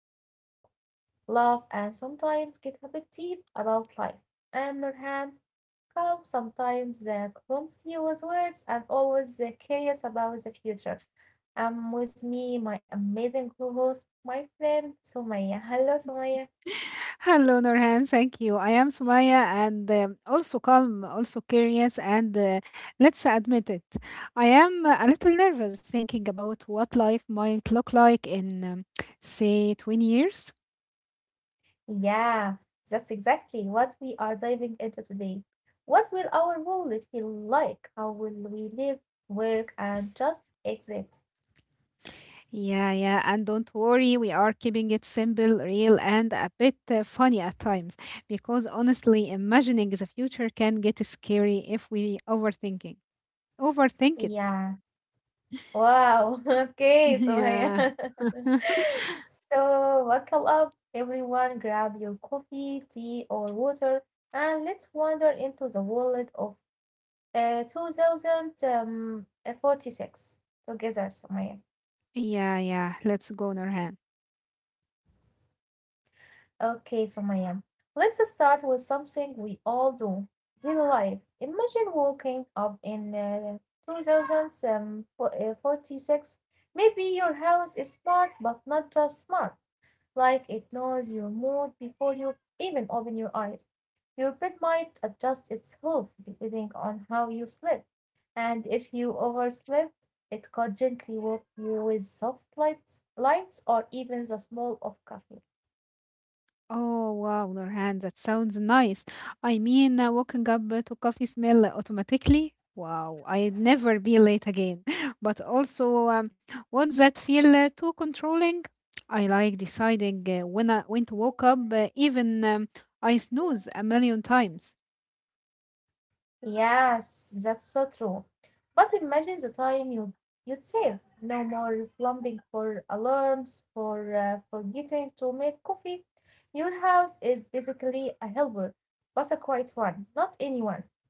where we talk, laugh, and sometimes get a bit deep about life. I am Nurhan, calm sometimes, clumsy with words, and always curious about the future. With me, my amazing co-host, my friend Sumaya. Hello, Sumaya. Hello, Nurhan. Thank you. I am Sumaya and also calm, also curious, and let's admit it, I am a little nervous thinking about what life might look like in, say, 20 years. Yeah, that's exactly what we are diving into today. What will our wallet feel like? How will we live, work, and just exist? Yeah, yeah. And don't worry, we are keeping it simple, real, and a bit funny at times because honestly, imagining the future can get scary if we overthink it. Yeah. Wow. Okay, Sumaya. Yeah. So buckle up, everyone. Grab your coffee, tea, or water, and let's wander into the world of 2046 together, Sumaya. Yeah, yeah. Let's go, Nurhan. Okay, Sumayam. Let's start with something we all do. Daily life. Imagine waking up in 46. Maybe your house is smart, but not just smart. Like, it knows your mood before you even open your eyes. Your bed might adjust itself depending on how you slept. And if you overslept, it could gently wake you with soft lights or even the smell of coffee. Oh wow, Nurhan, that sounds nice. I mean, waking up to coffee smell automatically. Wow, I'd never be late again. But also, what's that feel too controlling? I like deciding when to wake up, even I snooze a million times. Yes, that's so true. But imagine the time you'd save. No more plumbing for alarms, for forgetting to make coffee. Your house is basically a helper, but a quiet one, not anyone.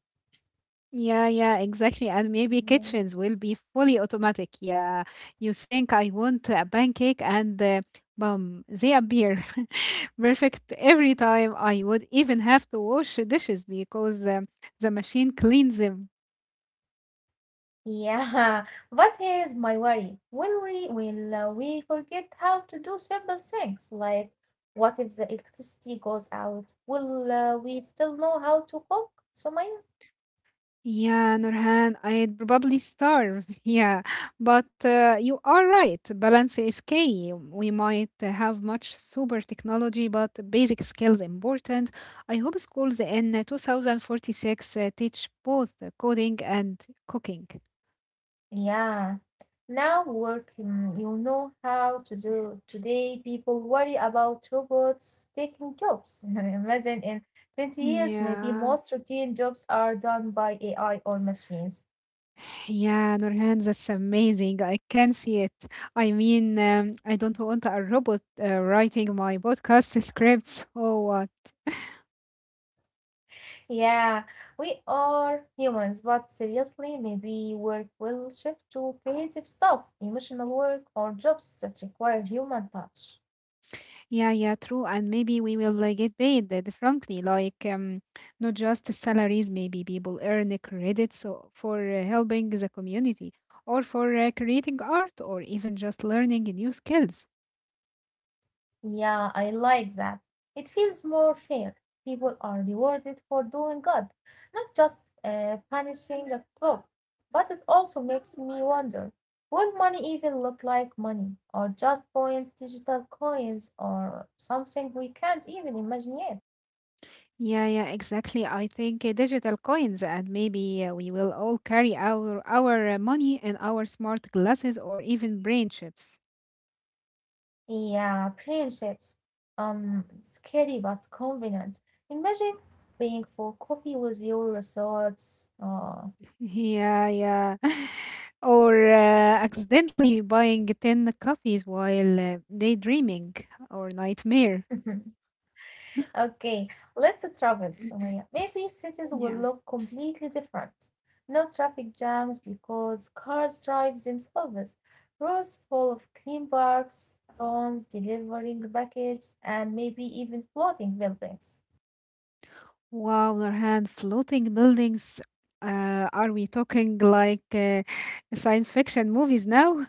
Yeah, yeah, exactly. And maybe kitchens Mm, will be fully automatic. Yeah, you think I want a pancake and boom, they appear perfect every time. I would even have to wash dishes because the machine cleans them. yeah, but here is my worry. Will we forget how to do simple things, like what if the electricity goes out? Will we still know how to cook, Sumaya? Yeah, Nurhan, I'd probably starve. Yeah, but you are right. Balance is key. We might have much super technology, but basic skills important. I hope schools in 2046 teach both coding and cooking. Yeah. Now work, you know how to do. Today, people worry about robots taking jobs. Imagine in 20 Mm, years, maybe yeah, most routine jobs are done by AI or machines. yeah, Nurhan, that's amazing. I can see it. I mean, I don't want a robot writing my podcast scripts. Oh, Yeah, we are humans, but seriously, maybe work will shift to creative stuff, emotional work, or jobs that require human touch. yeah, yeah, true. And maybe we will like, get paid differently, not just salaries. Maybe people earn credits for helping the community, or for creating art, or even just learning new skills. Yeah, I like that. It feels more fair. People are rewarded for doing good, not just punishing a club. But it also makes me wonder, will money even look like money, or just coins, digital coins, or something we can't even imagine yet? Yeah, yeah, exactly. I think digital coins, and maybe we will all carry our money in our smart glasses or even brain chips. Yeah, friendships. Scary but convenient. Imagine paying for coffee with your thoughts. Yeah, yeah. Or accidentally buying 10 coffees while daydreaming or nightmare. Okay, let's travel, Sumaya. Maybe cities will Yeah. look completely different. No traffic jams because cars drive themselves. Roads full of clean parks, drones delivering packages, and maybe even floating buildings. Wow, Nurhan, floating buildings. Are we talking like science fiction movies now?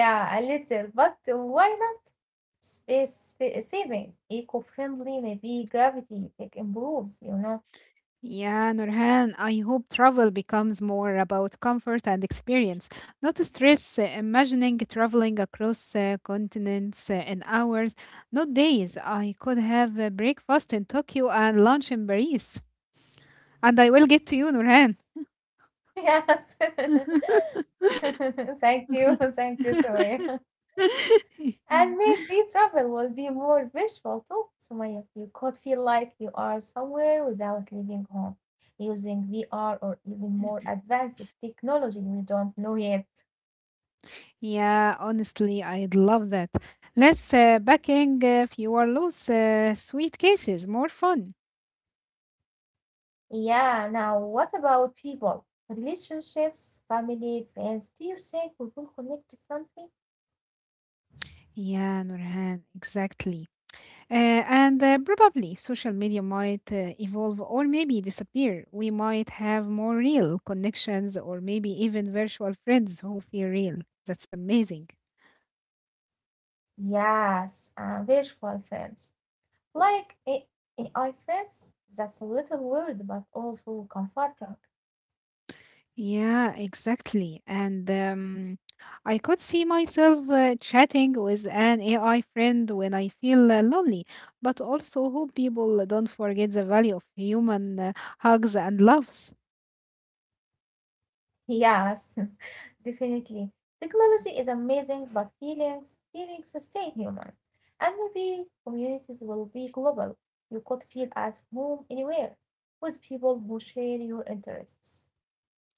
Yeah, a little, but why not? Space saving, eco-friendly, maybe gravity tech improves, you know. Yeah, Nurhan, I hope travel becomes more about comfort and experience, not stress. Imagining traveling across continents in hours, not days. I could have a breakfast in Tokyo and lunch in Paris. And I will get to you, Nurhan. Yes. Thank you. Thank you, Sumaya. And maybe travel will be more virtual too, Sumaya. You could feel like you are somewhere without leaving home, using VR or even more advanced technology we don't know yet. Yeah, honestly, I'd love that. Less packing, fewer loose sweet cases, more fun. Yeah, now what about people? Relationships, family, friends. Do you think we will connect differently? Yeah, Nurhan, exactly. Uh, and Probably social media might evolve or maybe disappear. We might have more real connections or maybe even virtual friends who feel real. That's amazing. Yes, virtual friends. Like, AI friends. That's a little weird but also comforting. Yeah, exactly. And I could see myself chatting with an AI friend when I feel lonely, but also hope people don't forget the value of human hugs and loves. Yes, definitely. Technology is amazing, but feelings, feelings stay human. And maybe communities will be global. You could feel at home anywhere with people who share your interests.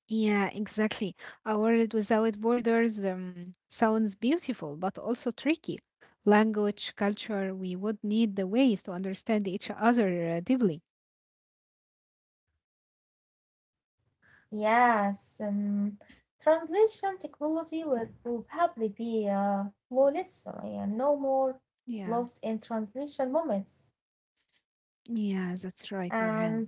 Yeah, exactly. A world without borders sounds beautiful, but also tricky. Language, culture, we would need the ways to understand each other deeply. Yes, translation technology will probably be flawless, yeah, no more lost Yeah, in translation moments. yeah, that's right, Nurhan. And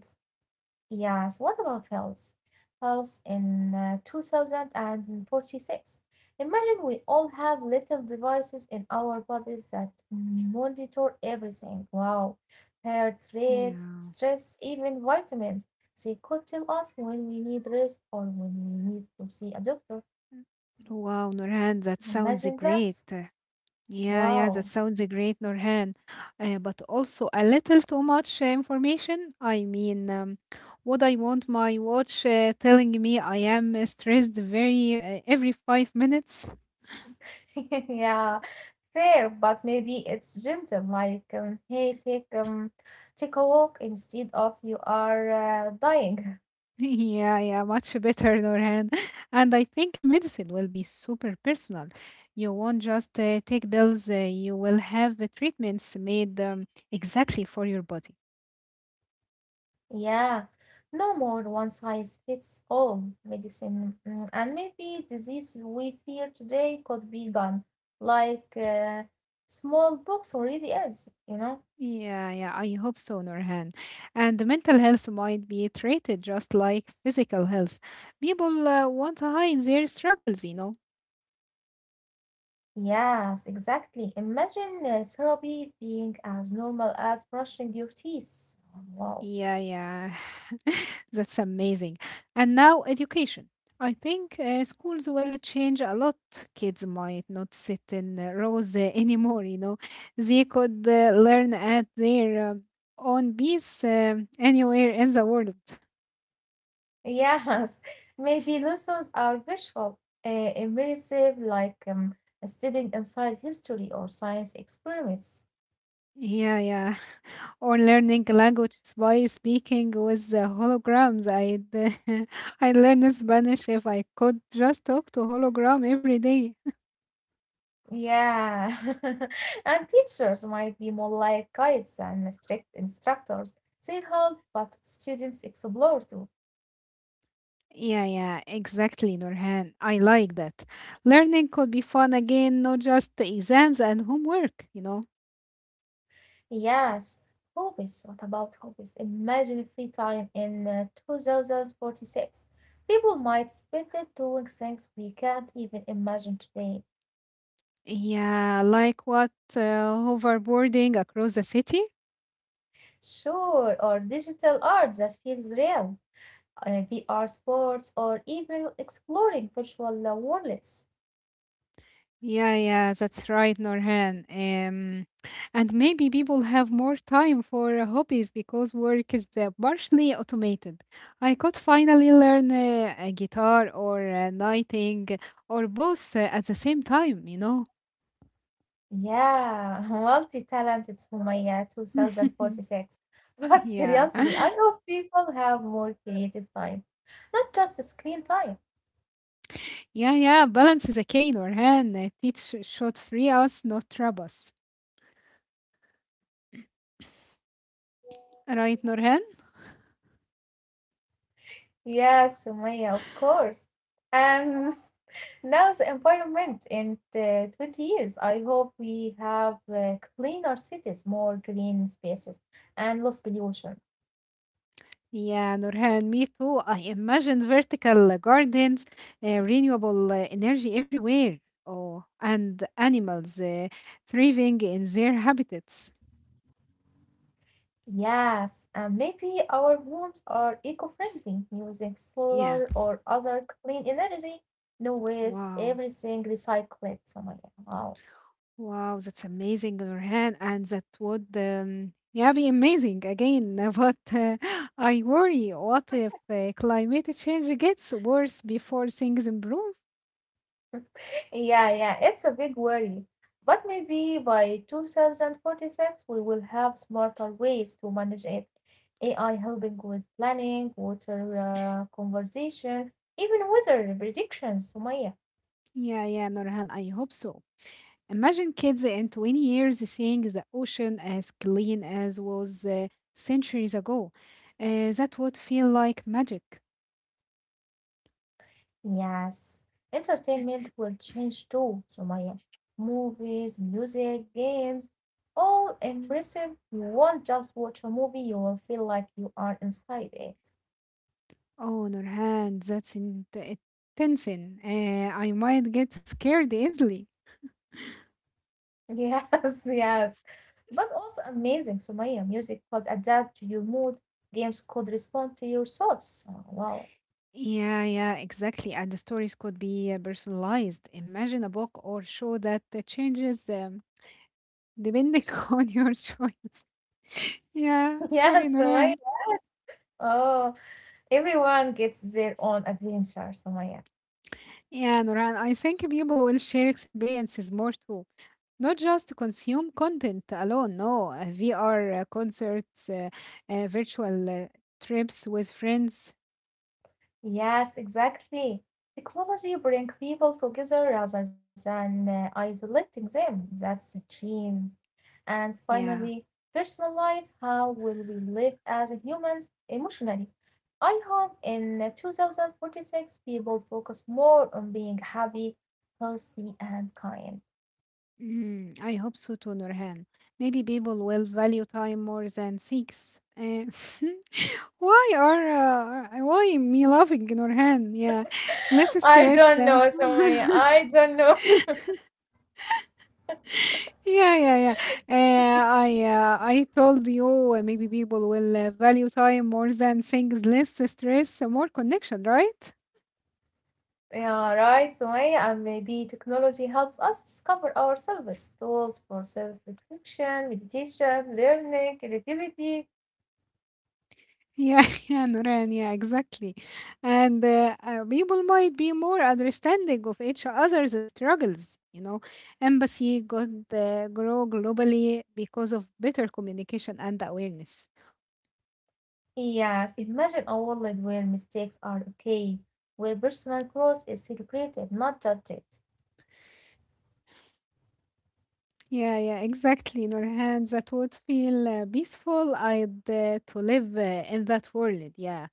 yes, what about health? Health in 2046. Imagine we all have little devices in our bodies that monitor everything. Wow. Heart rate, Yeah. stress, even vitamins. They could tell us when we need rest or when we need to see a doctor. Wow, Nurhan, that sounds Imagine great. that. Yeah, yeah, Wow. that sounds a great, Norhan. But also a little too much information. I mean, would I want my watch telling me I am stressed very every 5 minutes? Yeah, fair, but maybe it's gentle, like, hey, take a walk instead of you are dying. Yeah, yeah, much better, Norhan. And I think medicine will be super personal. You won't just take pills. You will have treatments made exactly for your body. Yeah, no more one size fits all medicine. And maybe disease we fear today could be gone, like smallpox already is, you know? Yeah, yeah, I hope so, Nurhan. And the mental health might be treated just like physical health. People want to hide their struggles, you know. Yes, exactly. Imagine therapy being as normal as brushing your teeth. Wow. Yeah, yeah. That's amazing. And now education. I think schools will change a lot. Kids might not sit in rows anymore, you know. They could learn at their own pace anywhere in the world. Yes, maybe lessons are visual, immersive, like, stepping inside history or science experiments. Yeah, yeah. Or learning languages by speaking with the holograms. I'd I learn Spanish if I could just talk to hologram every day. Yeah, and teachers might be more like guides and strict instructors. They help, but students explore too. Yeah, yeah, exactly, Nurhan. I like that. Learning could be fun again, not just the exams and homework, you know. Yes, hobbies. What about hobbies? Imagine free time in 2046. People might spend it doing things we can't even imagine today. Yeah, like what, hoverboarding across the city? Sure, or digital art that feels real, VR sports, or even exploring virtual worlds. Yeah, yeah, that's right, Norhan. And maybe people have more time for hobbies because work is partially automated. I could finally learn a guitar or knitting or both at the same time, you know? Yeah, multi-talented Sumaya 2046. But Yeah, seriously, I hope people have more creative time, not just screen time. yeah, yeah. Balance is a key, Norhan. Teach should free us, not trap us. Right, Norhan? Yeah, Sumaya, of course. And now the environment in 20 years, I hope we have cleaner cities, more green spaces, and less pollution. Yeah, Nurhan, me too. I imagine vertical gardens, renewable energy everywhere, oh, and animals thriving in their habitats. Yes, and maybe our homes are eco-friendly, using Yeah, solar or other clean energy. No waste, wow, everything recycled. So my wow. wow, that's amazing, Nurhan, and that would yeah be amazing again. But I worry, what if climate change gets worse before things improve? Yeah, yeah, it's a big worry. But maybe by 2046 we will have smarter ways to manage it. AI helping with planning, water conservation, even weather predictions, Sumaya. Yeah, yeah, Nurhan, I hope so. Imagine kids in 20 years seeing the ocean as clean as was centuries ago. That would feel like magic. Yes, entertainment will change too, Sumaya. Movies, music, games, all immersive. You won't just watch a movie, you will feel like you are inside it. Oh, Nurhan, that's intense. I might get scared easily. Yes, yes. But also amazing, Sumaya. Music could adapt to your mood, games could respond to your thoughts. Oh, wow. Yeah, yeah, exactly. And the stories could be personalized. Imagine a book or show that changes depending on your choice. Yeah, sorry, Yes, Sumaya. Nurhan. Oh, everyone gets their own adventure, Sumaya. Yeah, Nurhan, I think people will share experiences more too. Not just consume content alone, no. VR concerts, virtual trips with friends. Yes, exactly. Technology brings people together rather than isolating them. That's the dream. And finally, Yeah, personal life. How will we live as humans emotionally? I hope in 2046 people focus more on being happy, healthy, and kind. mm, I hope so too, Nurhan. Maybe people will value time more than sex. Why are why am I laughing, Nurhan? Yeah, less I stress. don't know, Somaya. I don't know. Yeah, yeah, yeah. I told you maybe people will value time more than things, less stress, more connection, right? Yeah, right, Sumaya, and maybe technology helps us discover ourselves, tools for self-reflection, meditation, learning, creativity. Yeah, yeah, Nuran, yeah, exactly. And people might be more understanding of each other's struggles. You know, empathy could grow globally because of better communication and awareness. Yes, imagine a world where mistakes are okay, where personal growth is celebrated, not judged. Yeah, yeah, exactly, Nurhan. That would feel peaceful. I'd to live in that world. Yeah,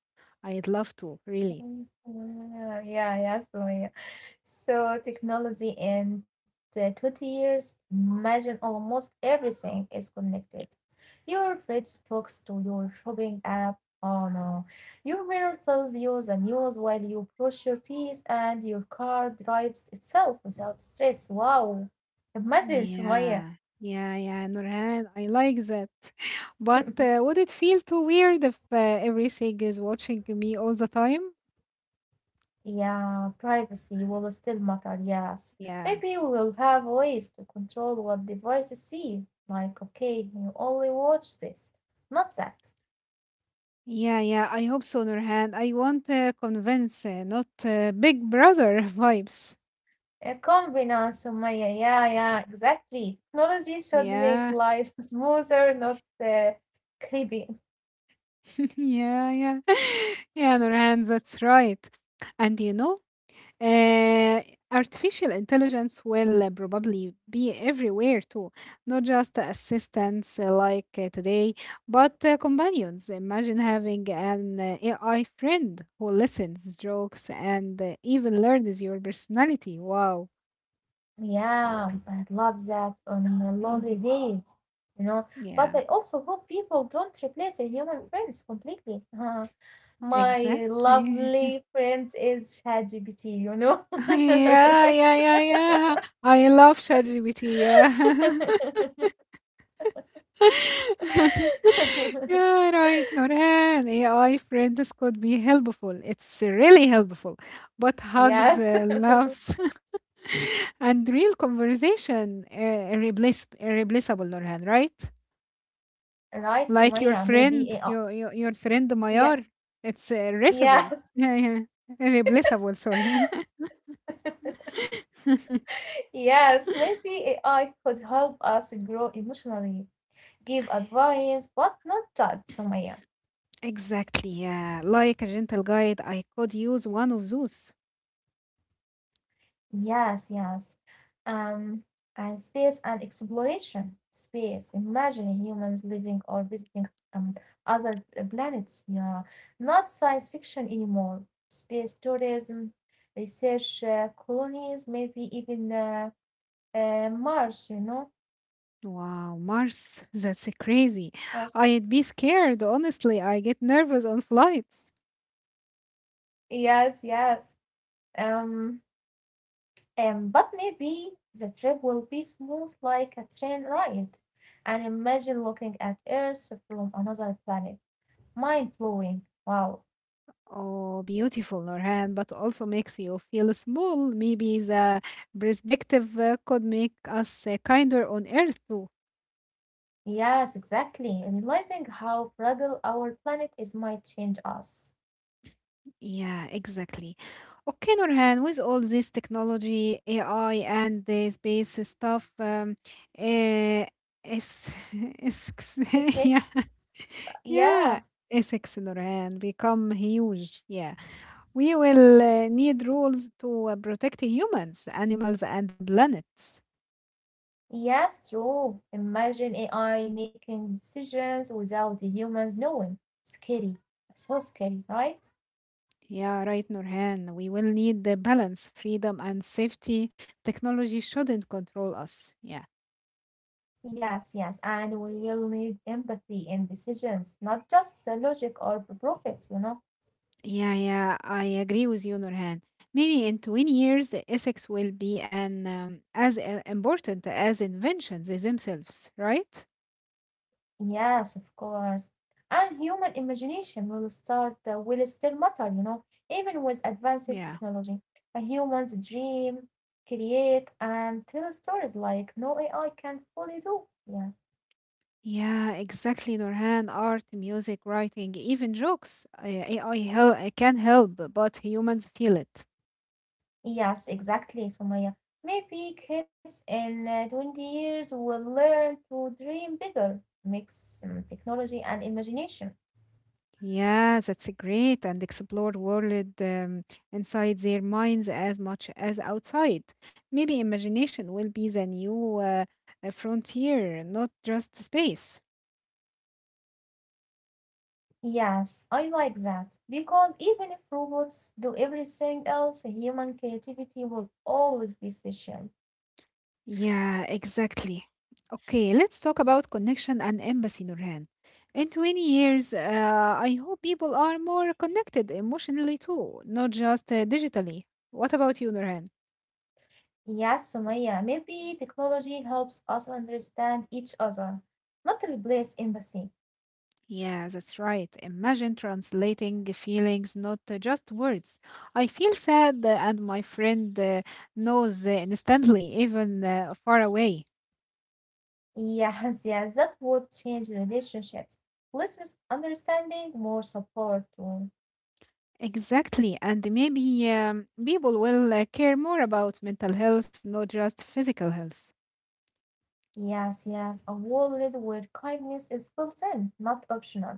I'd love to, really. Mm, yeah, so, yeah, Sumaya. So technology in the 20 years, imagine almost everything is connected. Your fridge talks to your shopping app. Oh no. Your mirror tells you the news while you brush your teeth, and your car drives itself without stress. Wow. Imagine, Sumaya. Yeah, yeah, yeah, Nurhan, I like that. But would it feel too weird if everything is watching me all the time? Yeah, privacy will still matter, yes. Yeah, Maybe we will have ways to control what devices see. Like, okay, you only watch this, not that. yeah, yeah, I hope so, Nurhan. I want convince, not Big Brother vibes. A convenience, Sumaya. Yeah, yeah, yeah, exactly. Technology should make Yeah, life smoother, not creepy. yeah, yeah, yeah, Nurhan, that's right. And you know, Uh, artificial intelligence will probably be everywhere too, not just assistants like today, but companions. Imagine having an AI friend who listens, jokes, and even learns your personality. Wow. Yeah, I love that on the lonely days, you know. But I Yeah, also hope people don't replace their human friends completely. My exactly. lovely friend is ChatGPT, you know. Yeah, yeah, yeah, yeah. I love ChatGPT. Yeah. Yeah, right, Norhan. AI friends could be helpful. It's really helpful. But hugs, Yes, laughs, and real conversation irreplaceable, Norhan, right? right, Like Sumaya, your maybe. friend, AI. Your friend Yeah, Mayar. It's yeah. irreplaceable. Yeah, yeah. Irreplaceable, sorry. Yes, maybe AI could help us grow emotionally, give advice, but not judge, Sumaya. Exactly, yeah. Like a gentle guide, I could use one of those. Yes, yes. Um, and space and exploration. Space. Imagine humans living or visiting um other planets. Yeah, not science fiction anymore. Space tourism, research colonies, maybe even Mars. You know, Wow, Mars, that's crazy. Mars. I'd be scared, honestly. I get nervous on flights. Yes, yes. Um. But maybe the trip will be smooth like a train ride. And imagine looking at Earth from another planet. Mind blowing. Wow. Oh, beautiful, Norhan, but also makes you feel small. Maybe the perspective could make us kinder on Earth too. Yes, exactly. Realizing how fragile our planet is might change us. Yeah, exactly. Okay, Norhan, with all this technology, AI, and the space stuff, uh, it's, it's, yeah, Ethics. yeah, Yeah. Essex Norhan become huge. Yeah. We will need rules to protect humans, animals, and the planets. Yes, true. Imagine AI making decisions without the humans knowing. Scary. So scary, right? Yeah, right, Nurhan. We will need the balance, freedom, and safety. Technology shouldn't control us. Yeah. Yes, yes, and we'll need empathy in decisions, not just the logic or the profit, you know. Yeah, yeah, I agree with you, Nurhan. Maybe in 20 years, ethics will be an, as important as inventions themselves, right? Yes, of course. And human imagination will will still matter, you know, even with advanced Yeah. technology. A human's dream, create, and tell stories like no AI can fully do. Yeah. Yeah, exactly, Nurhan. Art, music, writing, even jokes. AI can help, but humans feel it. Yes, exactly, Sumaya. Maybe kids in 20 years will learn to dream bigger, mix technology and imagination. Yeah, that's a great and explore world inside their minds as much as outside. Maybe imagination will be the new frontier, not just space. Yes, I like that, because even if robots do everything else, human creativity will always be special. Yeah, exactly. Okay, let's talk about connection and empathy, Nurhan. In 20 years, I hope people are more connected emotionally too, not just digitally. What about you, Nurhan? Yes, Sumaya, maybe technology helps us understand each other, not replace empathy. Yeah, that's right. Imagine translating feelings, not just words. I feel sad, and my friend knows instantly, even far away. Yes, yes, that would change relationships. Less misunderstanding, more support too. Exactly. And maybe people will care more about mental health, not just physical health. Yes, yes, a world where kindness is built in, not optional.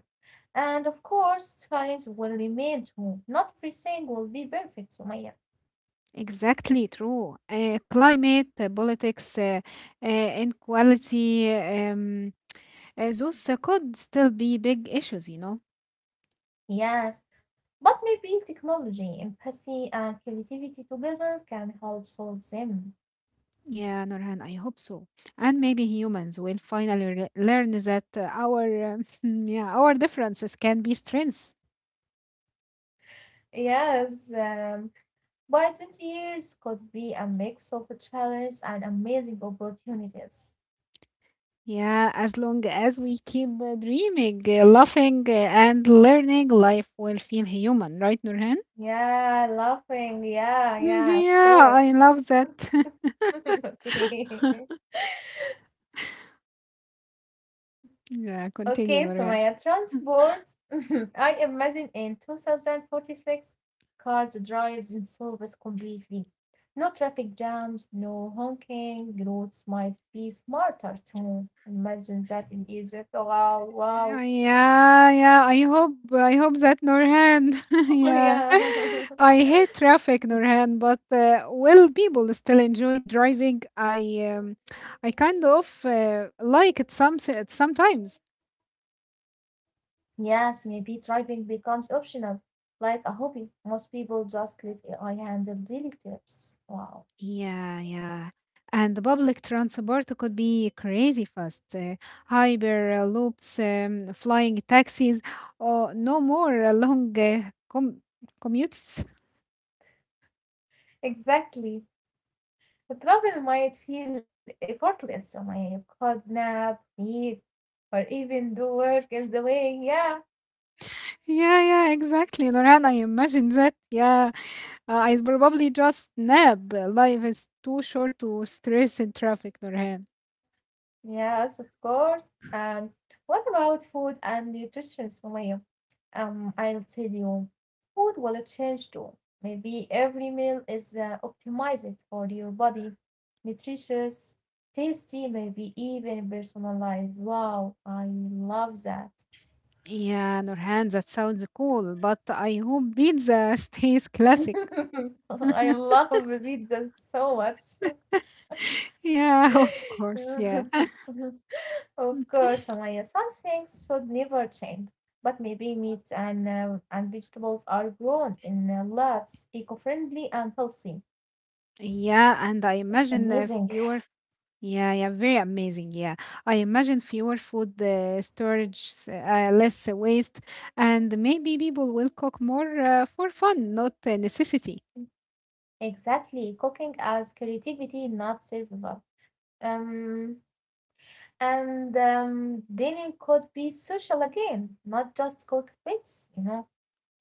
And of course, science will remain too. Not everything will be perfect, Sumaya. Exactly true. Climate, politics, inequality, those could still be big issues, you know. Yes, but maybe technology, empathy, and creativity together can help solve them. Yeah, Nurhan, I hope so. And maybe humans will finally learn that our yeah, our differences can be strengths. Yes, by 20 years could be a mix of challenges and amazing opportunities. Yeah, as long as we keep dreaming, laughing, and learning, life will feel human, right, Nurhan? Yeah, laughing. Yeah, Mm, yeah, of yeah, course. I love that. Okay. Yeah, Okay, so continue, Sumaya Nurhan. Transport. I imagine in 2046, cars drive themselves completely. No traffic jams, no honking, roads might be smarter too. Imagine that in Egypt. Oh, wow, wow. Yeah, yeah. I hope that Norhan. Yeah. Yeah. I hate traffic, Norhan, but will people still enjoy driving? Um, I kind of like it sometimes. Yes, maybe driving becomes optional, like a hobby. Most people just let AI handle daily tips. Wow. Yeah, yeah. And the public transport could be crazy fast. Hyper loops, flying taxis, or no more long commutes. Exactly. The travel might feel effortless, Sumaya. You could nap, read, or even do work in the way. Yeah, Yeah, yeah, exactly, Loran. I imagine that. Yeah, I'd probably just nap. Life is too short to stress in traffic, Norhan. yes, of course. What about food and nutrition, Sumaya? I'll tell you, food will change too. Maybe every meal is optimized for your body, nutritious, tasty, maybe even personalized. Wow, I love that. Yeah, Norhan, that sounds cool, but I hope pizza stays classic. I love pizza so much. Yeah, of course, Yeah, yeah. of course, Samaya, some things should never change, but maybe meat and vegetables are grown in labs, eco-friendly and healthy. Yeah, and I That's imagine amazing. fewer. Yeah, yeah, very amazing. Yeah, I imagine fewer food storage, less waste, and maybe people will cook more for fun, not necessity. Exactly, cooking as creativity, not survival. Um, and dining could be social again, not just cooked meals, you know.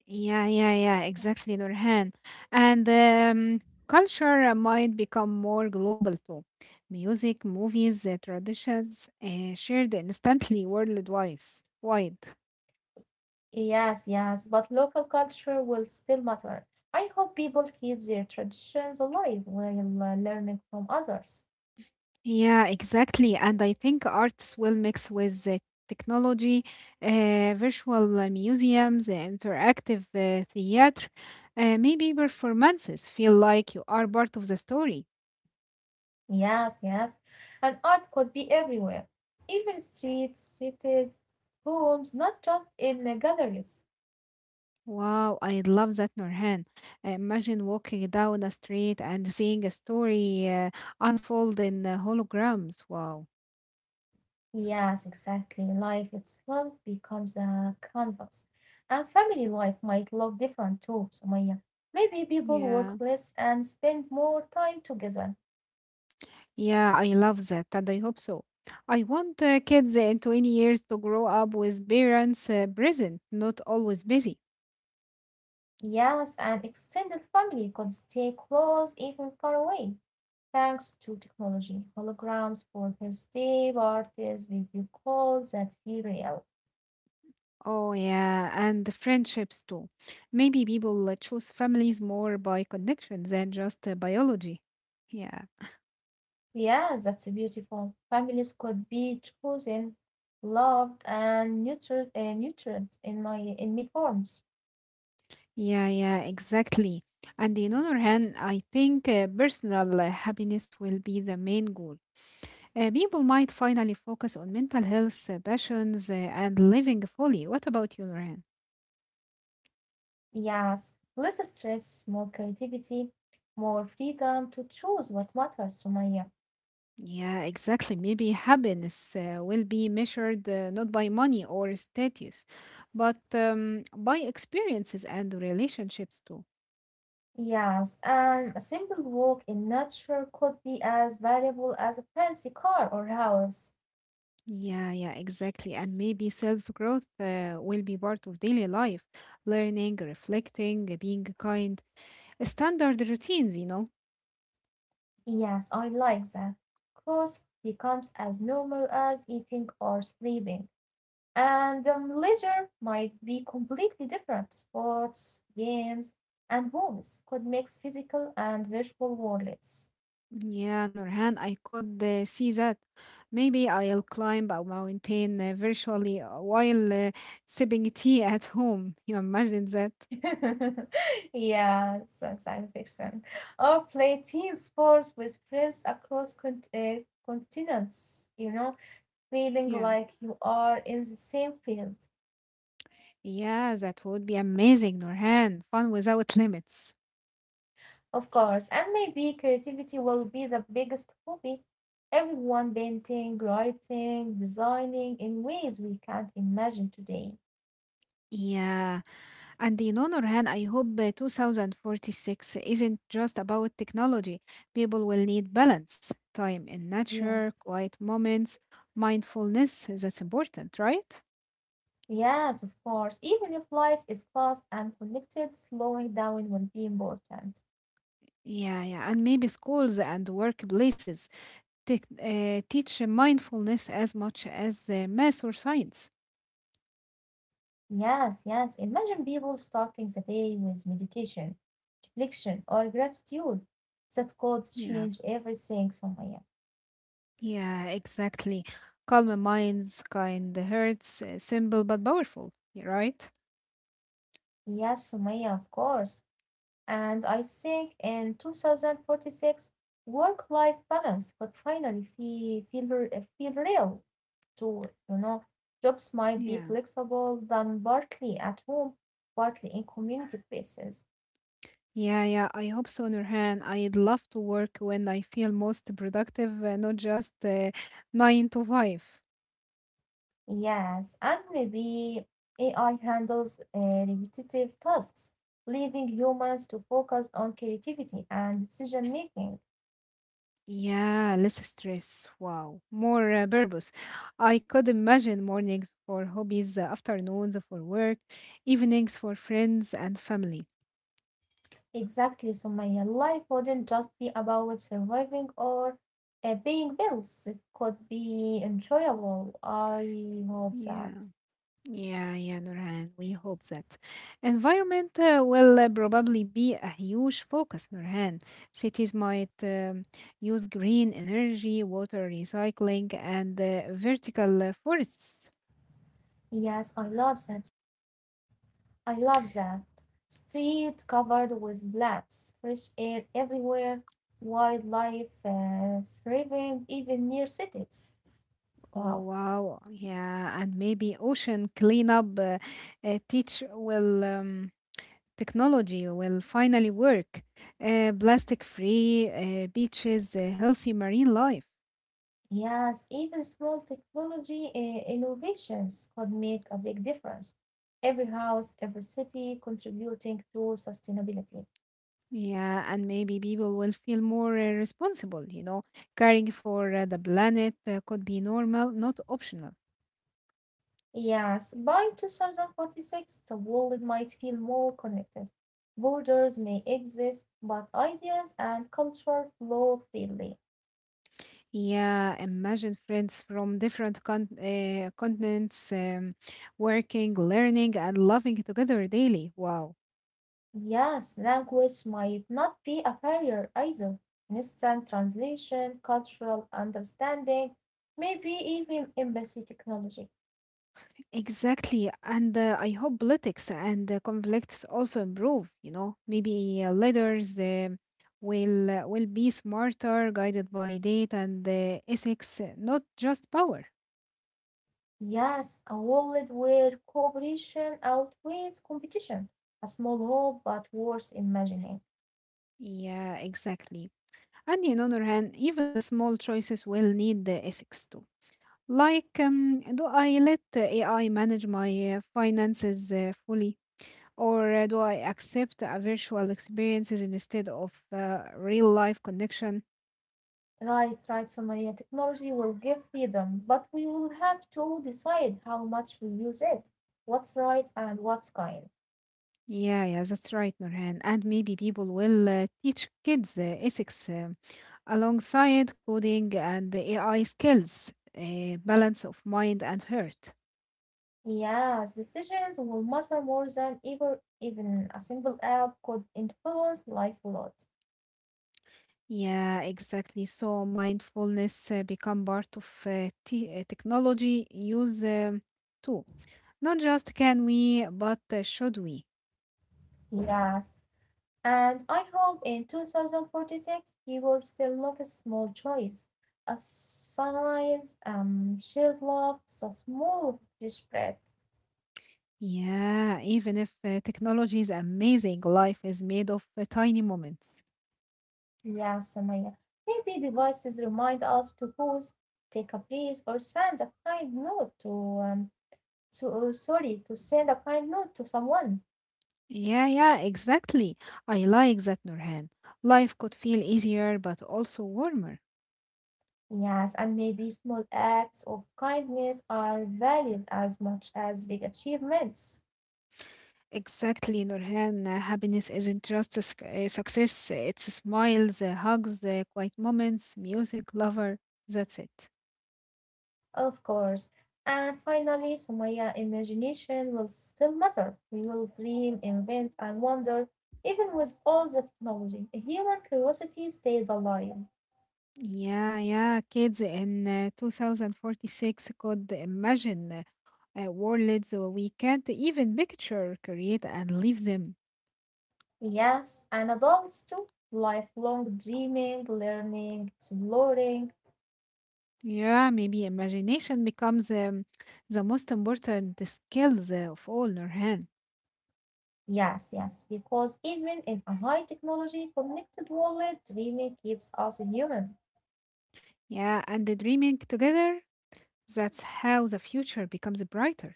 Yeah, yeah, yeah, exactly, Nurhan. And culture might become more global too. Music, movies, traditions shared instantly worldwide. Wide. Yes, yes, but local culture will still matter. I hope people keep their traditions alive while learning from others. Yeah, exactly. And I think artists will mix with technology, virtual museums, interactive theater. Maybe performances feel like you are part of the story. Yes, yes, and art could be everywhere, even streets, cities, homes, not just in galleries. Wow, I love that, Nurhan. Imagine walking down a street and seeing a story unfold in holograms. Wow. Yes, exactly. Life itself becomes a canvas, and family life might look different too, Sumaya. Maybe people Yeah. work less and spend more time together. Yeah, I love that, and I hope so. I want kids in 20 years to grow up with parents present, not always busy. Yes, and extended family could stay close even far away, thanks to technology. Holograms for birthday parties, video calls that feel real. Oh, yeah, and the friendships too. Maybe people choose families more by connection than just biology. Yeah. Yes, that's beautiful. Families could be chosen, loved, and nurtured in my in many forms. Yeah, yeah, exactly. And in other hand, I think personal happiness will be the main goal. People might finally focus on mental health, passions, and living fully. What about you, Nurhan? Yes, less stress, more creativity, more freedom to choose what matters to Maya. Yeah, exactly. Maybe happiness will be measured not by money or status, but by experiences and relationships too. Yes, and a simple walk in nature could be as valuable as a fancy car or house. Yeah, yeah, exactly. And maybe self-growth will be part of daily life learning, reflecting, being kind. Standard routines, you know. Yes, I like that. Cross becomes as normal as eating or sleeping. And Leisure might be completely different. Sports, games, and homes could mix physical and virtual worlds. Yeah, Nurhan, I could see that. Maybe I'll climb a mountain virtually while sipping tea at home. You imagine that? Yes, that's science fiction. Or play team sports with friends across continents, you know, feeling Yeah. like you are in the same field. Yeah, that would be amazing, Nurhan. Fun without limits. Of course, and maybe creativity will be the biggest hobby. Everyone painting, writing, designing in ways we can't imagine today. Yeah. And you know, Nurhan, I hope 2046 isn't just about technology. People will need balance, time in nature, Yes, quiet moments, mindfulness. That's important, right? yes, of course. Even if life is fast and connected, slowing down will be important. Yeah, yeah, and maybe schools and workplaces teach mindfulness as much as math or science. Yes, yes. Imagine people starting the day with meditation, reflection, or gratitude. That could Yeah, change everything, Sumaya. yeah, exactly. Calm minds, kind hearts, simple but powerful. Yeah, right? Yes, Sumaya, of course. And I think in 2046, work life balance would finally feel real to, you know, jobs might be Yeah, flexible, done partly at home, partly in community spaces. yeah, yeah. I hope so, Nurhan. I'd love to work when I feel most productive, not just nine to five. Yes, and maybe AI handles repetitive tasks, leaving humans to focus on creativity and decision making. Yeah, less stress. Wow. More purpose. I could imagine mornings for hobbies, afternoons for work, evenings for friends and family. Exactly, so my life wouldn't just be about surviving or paying bills. It could be enjoyable. I hope that. Yeah, yeah, yeah, Nurhan. We hope that. Environment will probably be a huge focus, Nurhan. Cities might use green energy, water recycling, and vertical forests. Yes, I love that. I love that. Street covered with plants, fresh air everywhere, wildlife thriving even near cities. Wow. Oh wow, yeah, and maybe ocean cleanup teach will technology will finally work. Plastic free beaches, healthy marine life. Yes, even small technology innovations could make a big difference. Every house, every city contributing to sustainability. Yeah, and maybe people will feel more responsible, you know, caring for the planet could be normal, not optional. Yes, by 2046, the world might feel more connected. Borders may exist, but ideas and culture flow freely. Yeah, imagine friends from different continents working, learning, and loving together daily. Wow. Yes, language might not be a barrier either. Instant translation, cultural understanding, maybe even embassy technology. Exactly, and I hope politics and conflicts also improve. You know, maybe leaders will be smarter, guided by data and ethics, not just power. Yes, a world where cooperation outweighs competition. A small hope, but worth imagining. Yeah, exactly. And on other hand, even the small choices will need the ethics too. Like, do I let AI manage my finances fully, or do I accept a virtual experiences instead of real life connection? Right, right, Somalia. Technology will give freedom, but we will have to decide how much we use it, what's right and what's kind. Yeah, yeah, that's right, Nurhan. And maybe people will teach kids ethics alongside coding and the AI skills, balance of mind and heart. Yes, decisions will matter more than ever. Even a single app could influence life a lot. Yeah, exactly. So mindfulness become part of technology use too. Not just can we, but should we? Yes. And I hope in 2046 he will still notice small joys, a sunrise, shared love, a small fresh breath. Yeah, even if technology is amazing, life is made of tiny moments. Yeah, Samaya. Maybe devices remind us to pause, take a breath, or send a kind note to so oh, sorry, to send a kind note to someone. Yeah, yeah, exactly. I like that, Nurhan. Life could feel easier but also warmer. Yes, and maybe small acts of kindness are valued as much as big achievements. Exactly, Nurhan. Happiness isn't just a success, it's smiles, hugs, quiet moments, music, lover. That's it. Of course. And finally, Sumaya, imagination will still matter. We will dream, invent, and wonder. Even with all the technology, a human curiosity stays alive. Yeah, yeah. Kids in 2046 could imagine worlds we can't even picture, create, and leave them. Yes, and adults too. Lifelong dreaming, learning, exploring. Yeah, maybe imagination becomes the most important skills of all learn. Yes, yes, because even in a high technology connected world, dreaming keeps us human. Yeah, and the dreaming together, that's how the future becomes brighter.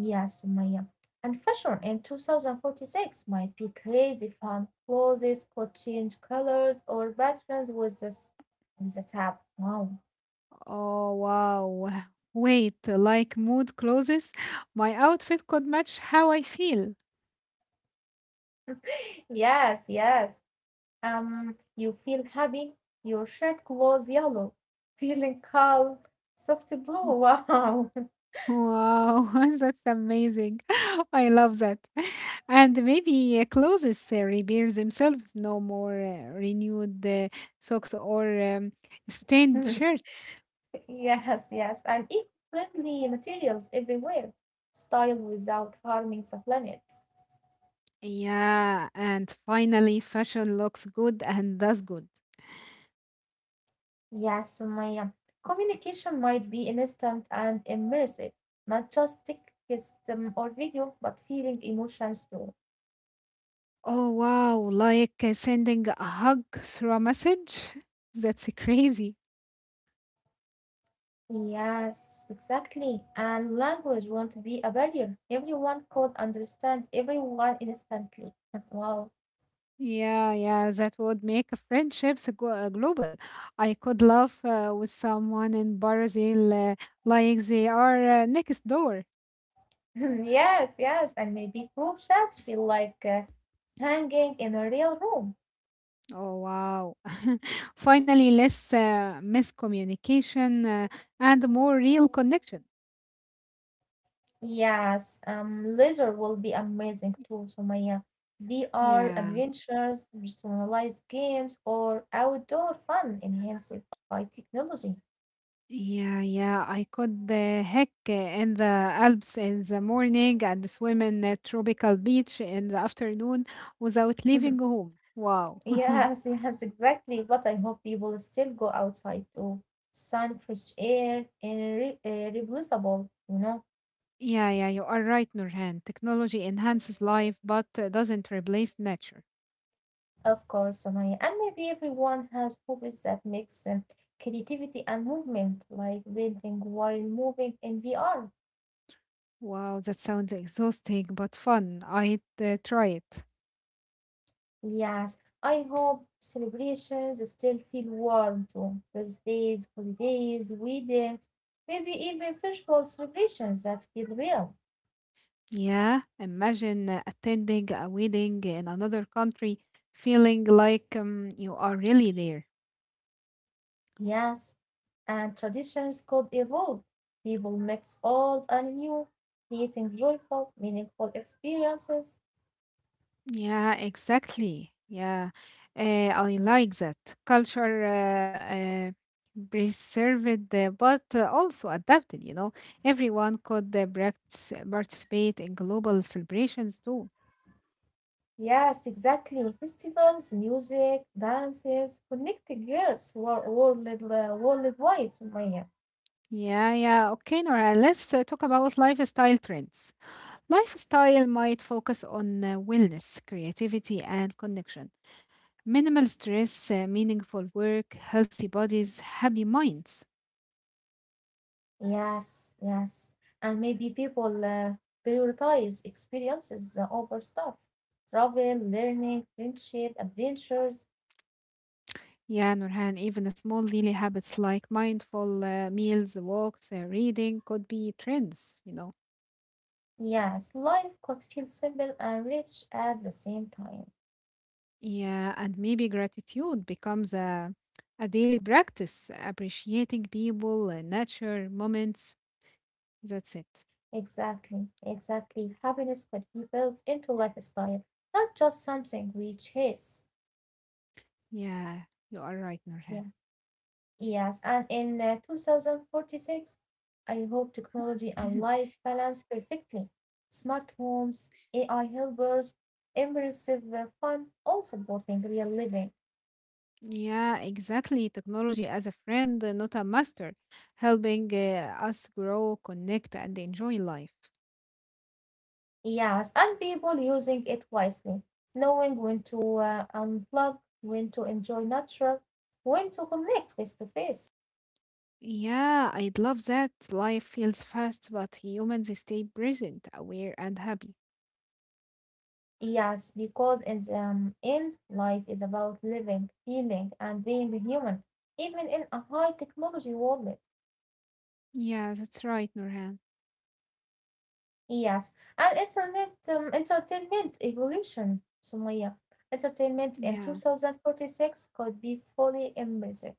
Yes, Maya. And fashion in 2046 might be crazy fun. Clothes could change colors or patterns with with the tap. Wow. Oh, wow. Wait, like mood closes, my outfit could match how I feel. Yes, yes. You feel happy. Your shirt glows yellow. Feeling calm. Soft blue. Wow. Wow, that's amazing. I love that. And maybe clothes repair themselves, no more renewed socks or stained shirts. Yes, yes. And eco-friendly materials everywhere. Style without harming the planet. Yeah, and finally, fashion looks good and does good. Yes, Sumaya. Communication might be instant and immersive, not just text or video, but feeling emotions too. Oh, wow, like sending a hug through a message? That's crazy. Yes, exactly. And language won't be a barrier. Everyone could understand everyone instantly. Wow. Yeah, yeah, that would make friendships go global. I could laugh with someone in Brazil like they are next door. Yes, yes. And maybe group chats feel like hanging in a real room. Oh, wow. Finally, less miscommunication and more real connection. Yes, leisure will be amazing too, Sumaya. VR Yeah. adventures, personalized games, or outdoor fun enhanced by technology. Yeah, yeah, I could hike in the Alps in the morning and swim in a tropical beach in the afternoon without leaving home. Wow. Yes, yes, exactly. But I hope people still go outside to sun, fresh air, and re replaceable, you know. Yeah, yeah, you are right, Nurhan. Technology enhances life but doesn't replace nature. Of course, Sumaya. And maybe everyone has hobbies that mix creativity and movement, like painting while moving in VR. Wow, that sounds exhausting but fun. I'd try it. Yes, I hope celebrations still feel warm too. Birthdays, holidays, weddings, maybe even physical celebrations that feel real. Yeah, imagine attending a wedding in another country, feeling like you are really there. Yes, and traditions could evolve. People mix old and new, creating joyful, meaningful experiences. Yeah, exactly. Yeah, uh, I like that. Culture preserved, but also adapted, you know. Everyone could participate in global celebrations too. Yes, exactly. Festivals, music, dances, connecting girls world, worldwide, Sumaya. Yeah, yeah. Okay, Nora, let's talk about lifestyle trends. Lifestyle might focus on wellness, creativity, and connection. Minimal stress, meaningful work, healthy bodies, happy minds. Yes, yes. And maybe people prioritize experiences over stuff. Travel, learning, friendship, adventures. Yeah, Nurhan, even the small daily habits like mindful meals, walks, reading could be trends, you know. Yes, life could feel simple and rich at the same time. Yeah, and maybe gratitude becomes a daily practice, appreciating people, nature, moments. That's it. Exactly, exactly. Happiness could be built into lifestyle, not just something we chase. Yeah, you are right, Yeah. Nurhan. Yes, and in 2046, I hope technology and life balance perfectly. Smart homes, AI helpers, immersive fun, all supporting real living. Yeah, exactly. Technology as a friend, not a master, helping us grow, connect, and enjoy life. Yes, and people using it wisely, knowing when to unplug, when to enjoy nature, when to connect face to face. Yeah, I'd love that. Life feels fast, but humans stay present, aware, and happy. Yes, because in the end, life is about living, feeling, and being human, even in a high technology world. Yeah, that's right, Nurhan. Yes, and internet entertainment evolution, Sumaya. Entertainment in Yeah. 2046 could be fully immersive.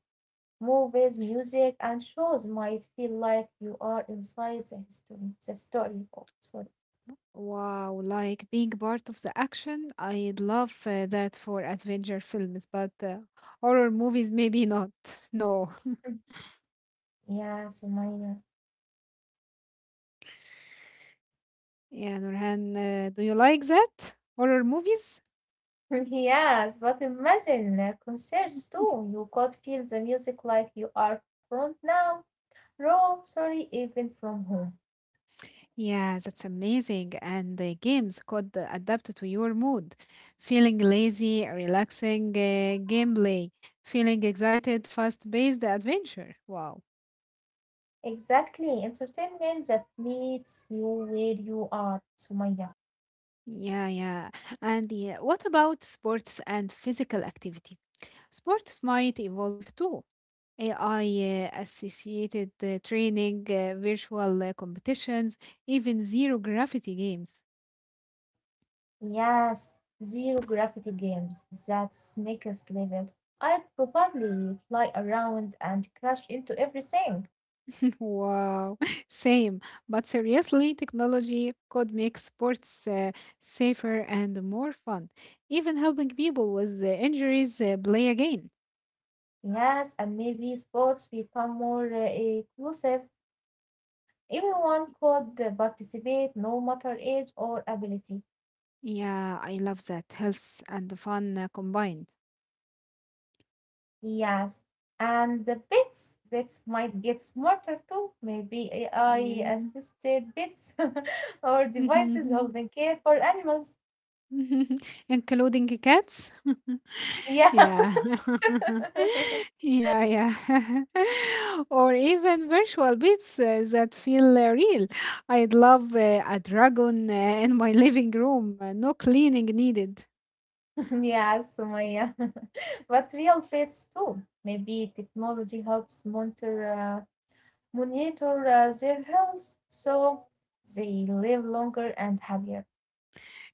Movies, music, and shows might feel like you are inside the story. Oh, sorry. Wow, like being part of the action, I'd love that for adventure films, but horror movies, maybe not. No. Yeah, Sumaya. Yeah, Nurhan, do you like that? Horror movies? Yes, but imagine concerts too. You could feel the music like you are from now, even from home. Yeah, that's amazing. And the games could adapt to your mood. Feeling lazy, relaxing gameplay. Feeling excited, fast-paced adventure. Wow. Exactly. Entertainment that meets you where you are, Sumaya. Yeah, yeah. And yeah, what about sports and physical activity? Sports might evolve too. AI associated training, virtual competitions, even zero gravity games. Yes, zero gravity games. That's next level. I'd probably fly around and crash into everything. Wow, same. But seriously, technology could make sports safer and more fun, even helping people with injuries play again. Yes, and maybe sports become more inclusive. Everyone could participate, no matter age or ability. Yeah, I love that. Health and fun combined. Yes, and the bits might get smarter too. Maybe AI Mm. assisted bits or devices holding care for animals. Including cats? Yeah. Yes. Yeah, yeah. Or even virtual beats that feel real. I'd love a dragon in my living room, no cleaning needed. Yes, Sumaya. But real pets too. Maybe technology helps monitor their health, so they live longer and happier.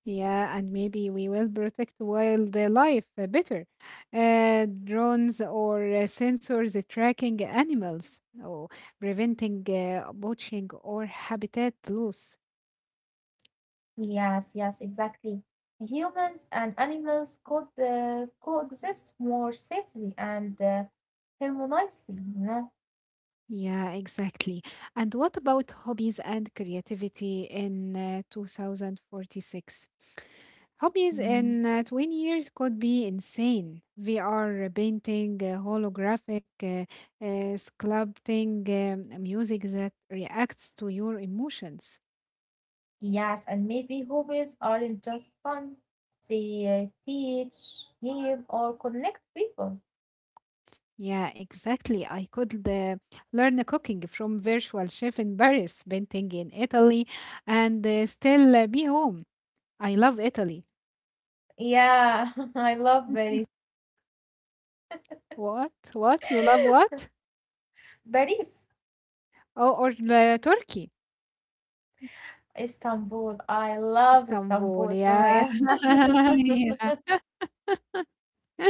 Yeah, and maybe we will protect wildlife better. Drones or sensors tracking animals, or preventing poaching or habitat loss. Yes, yes, exactly. Humans and animals could coexist more safely and harmoniously, you know? Yeah, exactly. And what about hobbies and creativity in 2046? Hobbies Mm, in 20 years could be insane. VR, painting, holographic, sculpting, music that reacts to your emotions. yes, and maybe hobbies aren't just fun. They teach, heal, or connect people. Yeah, exactly. I could learn cooking from virtual chef in Paris, painting in Italy, and still be home. I love Italy. Yeah, I love Paris. What you love what? Paris, Oh, or the Turkey, Istanbul. I love Istanbul, Istanbul, yeah. Sumaya. Yeah.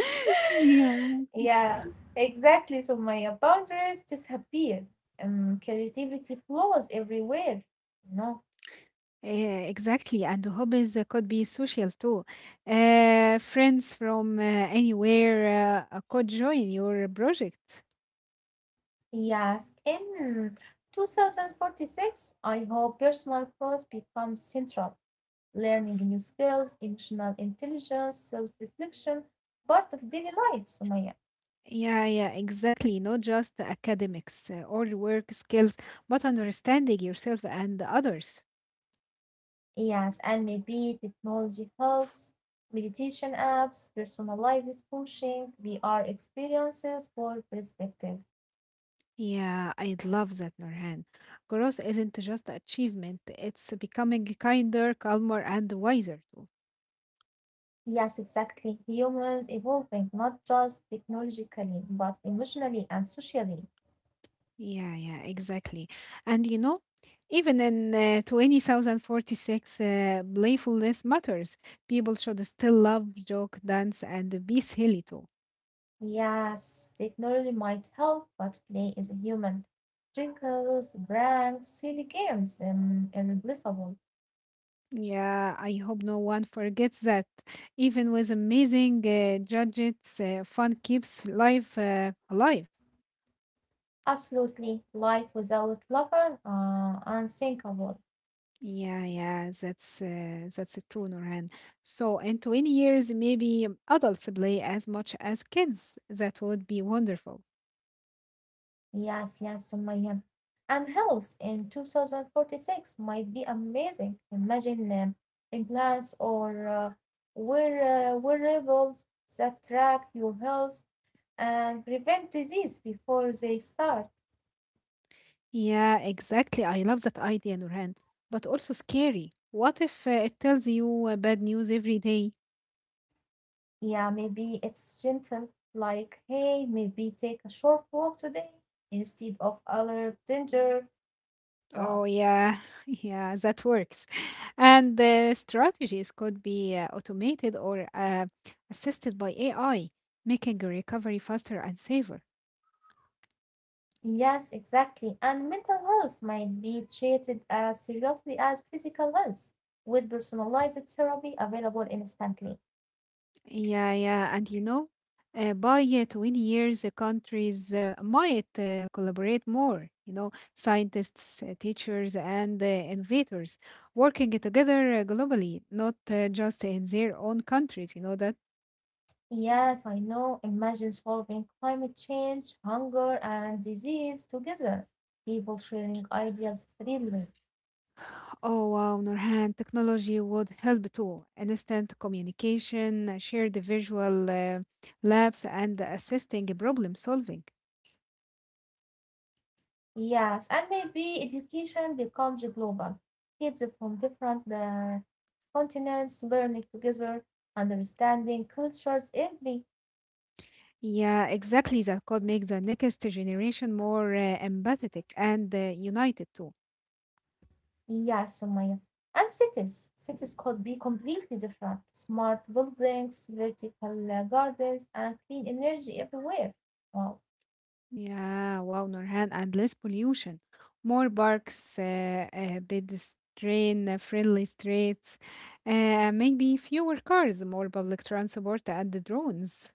Yeah. Yeah, exactly. So my boundaries disappear. Creativity flows everywhere. No. Yeah, exactly. And the hobbies could be social too. Friends from anywhere could join your project. Yes. In 2046, I hope personal growth becomes central. Learning new skills, emotional intelligence, self-reflection, part of daily life, Sumaya. Yeah, yeah, exactly. Not just the academics or work skills, but understanding yourself and the others. Yes, and maybe technology helps, meditation apps, personalized coaching, VR experiences for perspective. Yeah, I love that, Nurhan. Growth isn't just achievement, it's becoming kinder, calmer, and wiser too. Yes, exactly. Humans evolving not just technologically, but emotionally and socially. Yeah, yeah, exactly. And you know, even in 20,046, playfulness matters. People should still love, joke, dance, and be silly too. Yes, technology might help, but play is human. Trinkles, pranks, silly games, irreplaceable. Yeah, I hope no one forgets that. Even with amazing gadgets, fun keeps life alive. Absolutely. Life without lover, unthinkable. Yeah, yeah, that's true, Nurhan. So in 20 years, maybe adults play as much as kids. That would be wonderful. Yes, yes, Sumaya. And health in 2046 might be amazing. Imagine implants or wearables that track your health and prevent disease before they start. Yeah, exactly. I love that idea, Nurhan, but also scary. What if it tells you bad news every day? Yeah, maybe it's gentle, like, hey, maybe take a short walk today instead of other danger. Wow. Oh, yeah, yeah, that works. And the strategies could be automated or assisted by AI, making a recovery faster and safer. Yes, exactly. And mental health might be treated as seriously as physical health, with personalized therapy available instantly. Yeah, yeah, and you know, by 20 years, the countries might collaborate more, you know, scientists, teachers, and innovators working together globally, not just in their own countries, you know, that, Yes, I know. Imagine solving climate change, hunger, and disease together. People sharing ideas freely. oh wow, Nurhan, technology would help too. Instant communication, shared visual labs, and assisting problem solving. Yes, and maybe education becomes global. Kids from different continents learning together, understanding cultures every Yeah, exactly. That could make the next generation more empathetic and united too. Yeah, Sumaya. And cities. Cities could be completely different. Smart buildings, vertical gardens, and clean energy everywhere. Wow. Yeah, wow, Nurhan, and less pollution, more parks, pedestrian friendly streets, maybe fewer cars, more public transport, and the drones.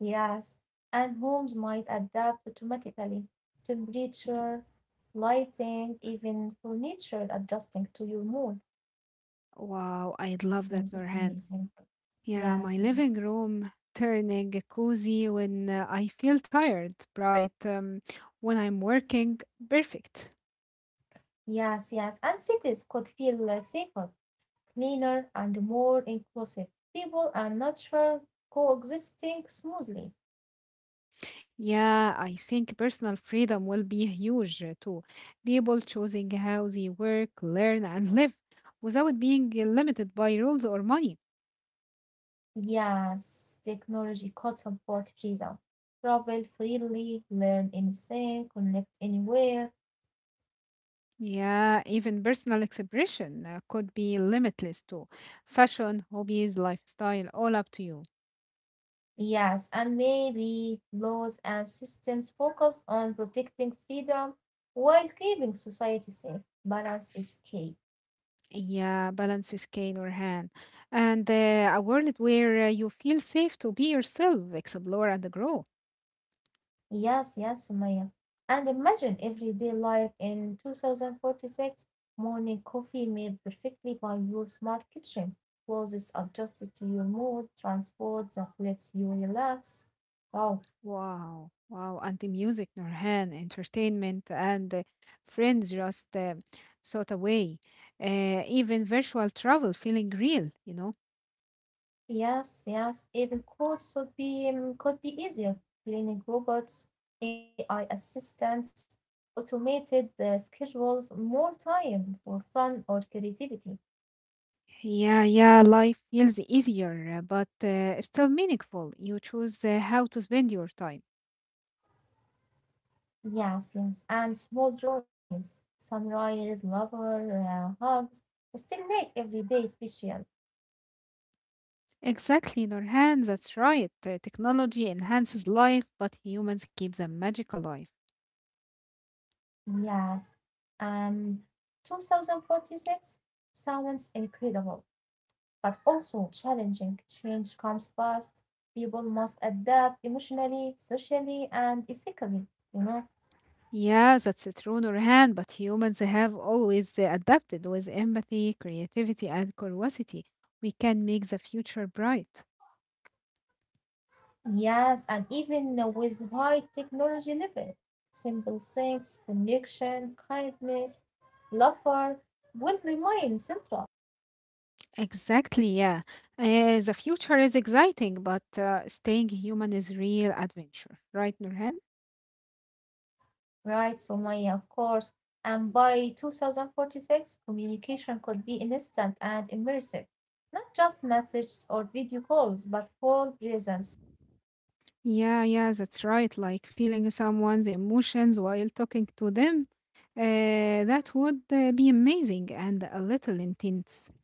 Yes. And homes might adapt automatically. Temperature, lighting, even furniture adjusting to your mood. Wow, I love Wow, that, that's Nurhan. amazing. Yeah, my Yes, living yes. room turning cozy when I feel tired, bright when I'm working, perfect. Yes, yes. And cities could feel safer, cleaner, and more inclusive. People and nature coexisting smoothly. Yeah, I think personal freedom will be huge too. People choosing how they work, learn, and live without being limited by rules or money. Yes, technology could support freedom. Travel freely, learn anything, connect anywhere. Yeah, even personal expression could be limitless too. Fashion, hobbies, lifestyle, all up to you. Yes, and maybe laws and systems focus on protecting freedom while keeping society safe. Balance is key. Yeah, balance is cane or hand. And a world where you feel safe to be yourself, explore, and grow. Yes, yes, Sumaya. And imagine everyday life in 2046, morning coffee made perfectly by your smart kitchen, clothes adjusted to your mood, transport that lets you relax. Wow. Wow, wow, and the music, Nurhan, entertainment, and friends just sought away. Even virtual travel feeling real, you know? Yes, yes. Even course would be could be easier. Cleaning robots, AI assistants, automated schedules, more time for fun or creativity. Yeah, yeah, life feels easier, but still meaningful. You choose how to spend your time. Yes, yes. And small joys, sunrise, lover hugs, still make every day special. Exactly, Nurhan, that's right. Technology enhances life, but humans keep the magic alive. Yes. Um, 2046 sounds incredible, but also challenging. Change comes fast. People must adapt emotionally, socially, and ethically, you know. Yeah, that's true, Nurhan, but humans have always adapted with empathy, creativity, and curiosity. We can make the future bright. Yes, and even with high technology level, simple things, connection, kindness, laughter will remain central, Exactly, yeah. The future is exciting, but staying human is real adventure, right, Nurhan? right, Somaya, of course. And by 2046, communication could be instant and immersive, not just messages or video calls, but full presence. Yeah, yeah, that's right. Like feeling someone's emotions while talking to them, uh, that would be amazing and a little intense.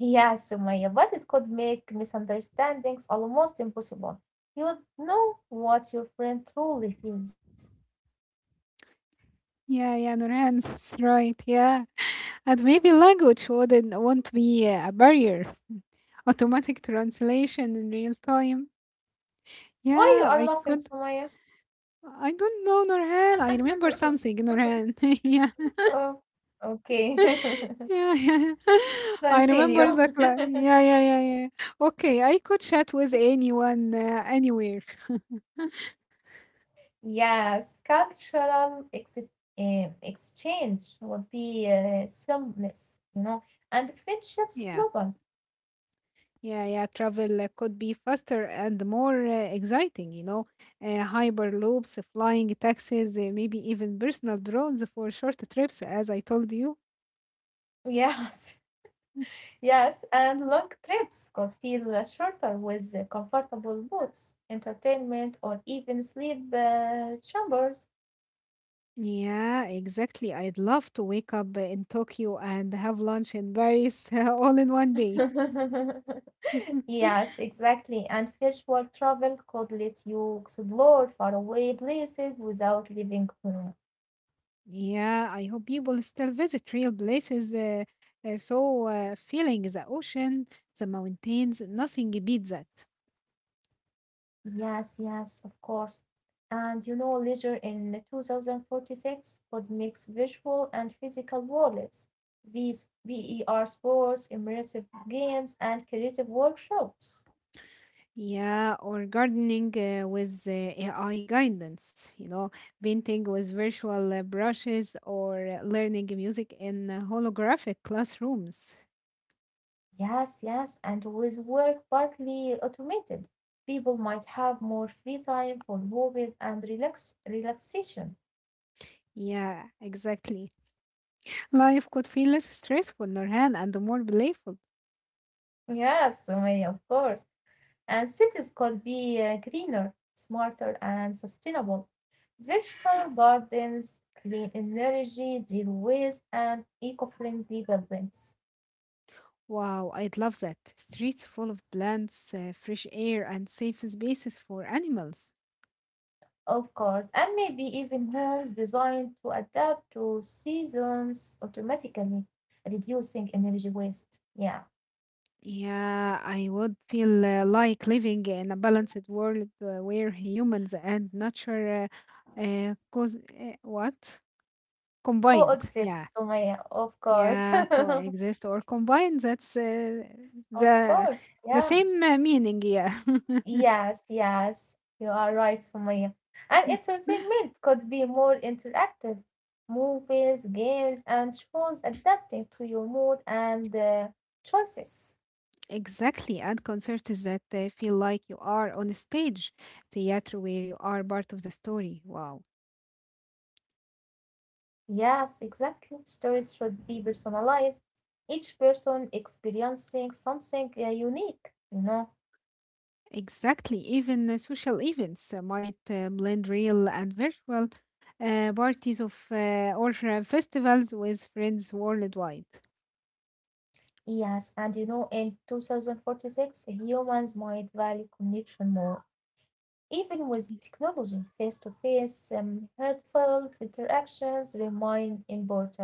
Yeah, Sumaya, but it could make misunderstandings almost impossible. You would know what your friend truly feels. Yeah, yeah, Nurhan, that's right, yeah. And maybe language wouldn't won't be a barrier. Automatic translation in real time. Why you Yeah, are I laughing, could. Sumaya? I don't know, Norhan. I remember something, Norhan. Yeah. Oh, okay. Yeah, yeah. I remember Continue. the cla- Yeah, yeah, yeah, yeah. Okay, I could chat with anyone, anywhere. Yes, cultural exchange would be seamless, you know, and friendships Yeah. global. Yeah, yeah, travel could be faster and more exciting, you know. Hyperloops, flying taxis, maybe even personal drones for short trips, as I told you. Yes. Mm. Yes, and long trips could feel shorter with comfortable boots, entertainment, or even sleep chambers. Yeah, exactly. I'd love to wake up in Tokyo and have lunch in Paris all in one day. Yes, exactly. And virtual travel could let you explore faraway places without leaving home. Yeah, I hope people still visit real places. Feeling the ocean, the mountains, nothing beats that. Yes, yes, of course. And you know, later in 2046, could mix visual and physical worlds, these VER sports, immersive games, and creative workshops. Yeah, or gardening with AI guidance, you know, painting with virtual brushes or learning music in holographic classrooms. Yes, yes, and with work partly automated, people might have more free time for hobbies and relaxation. Yeah, exactly. Life could feel less stressful, Nurhan, and more playful. Yes, Sumaya, of course. And cities could be greener, smarter, and sustainable. Vertical gardens, clean energy, zero waste, and eco friendly buildings. Wow, I'd love that. Streets full of plants, fresh air, and safe spaces for animals. Of course, and maybe even homes designed to adapt to seasons automatically, reducing energy waste. Yeah, Yeah, I would feel like living in a balanced world where humans and nature cause, what? Combined. Yeah, coexist, Sumaya, of course. yeah, coexist or combined. That's Of the course, yes. same meaning. Yeah. Yes, yes, you are right, Sumaya. And entertainment could be more interactive. Movies, games, and shows adapting to your mood and choices. Exactly, and concerts that feel like you are on a stage, theater where you are part of the story. Wow. Yes, exactly. Stories should be personalized. Each person experiencing something unique, you know. Exactly, even social events might blend real and virtual parties of or festivals with friends worldwide. Yes, and you know, in 2046, humans might value connection more. Even with technology, face to face, heartfelt interactions remain important.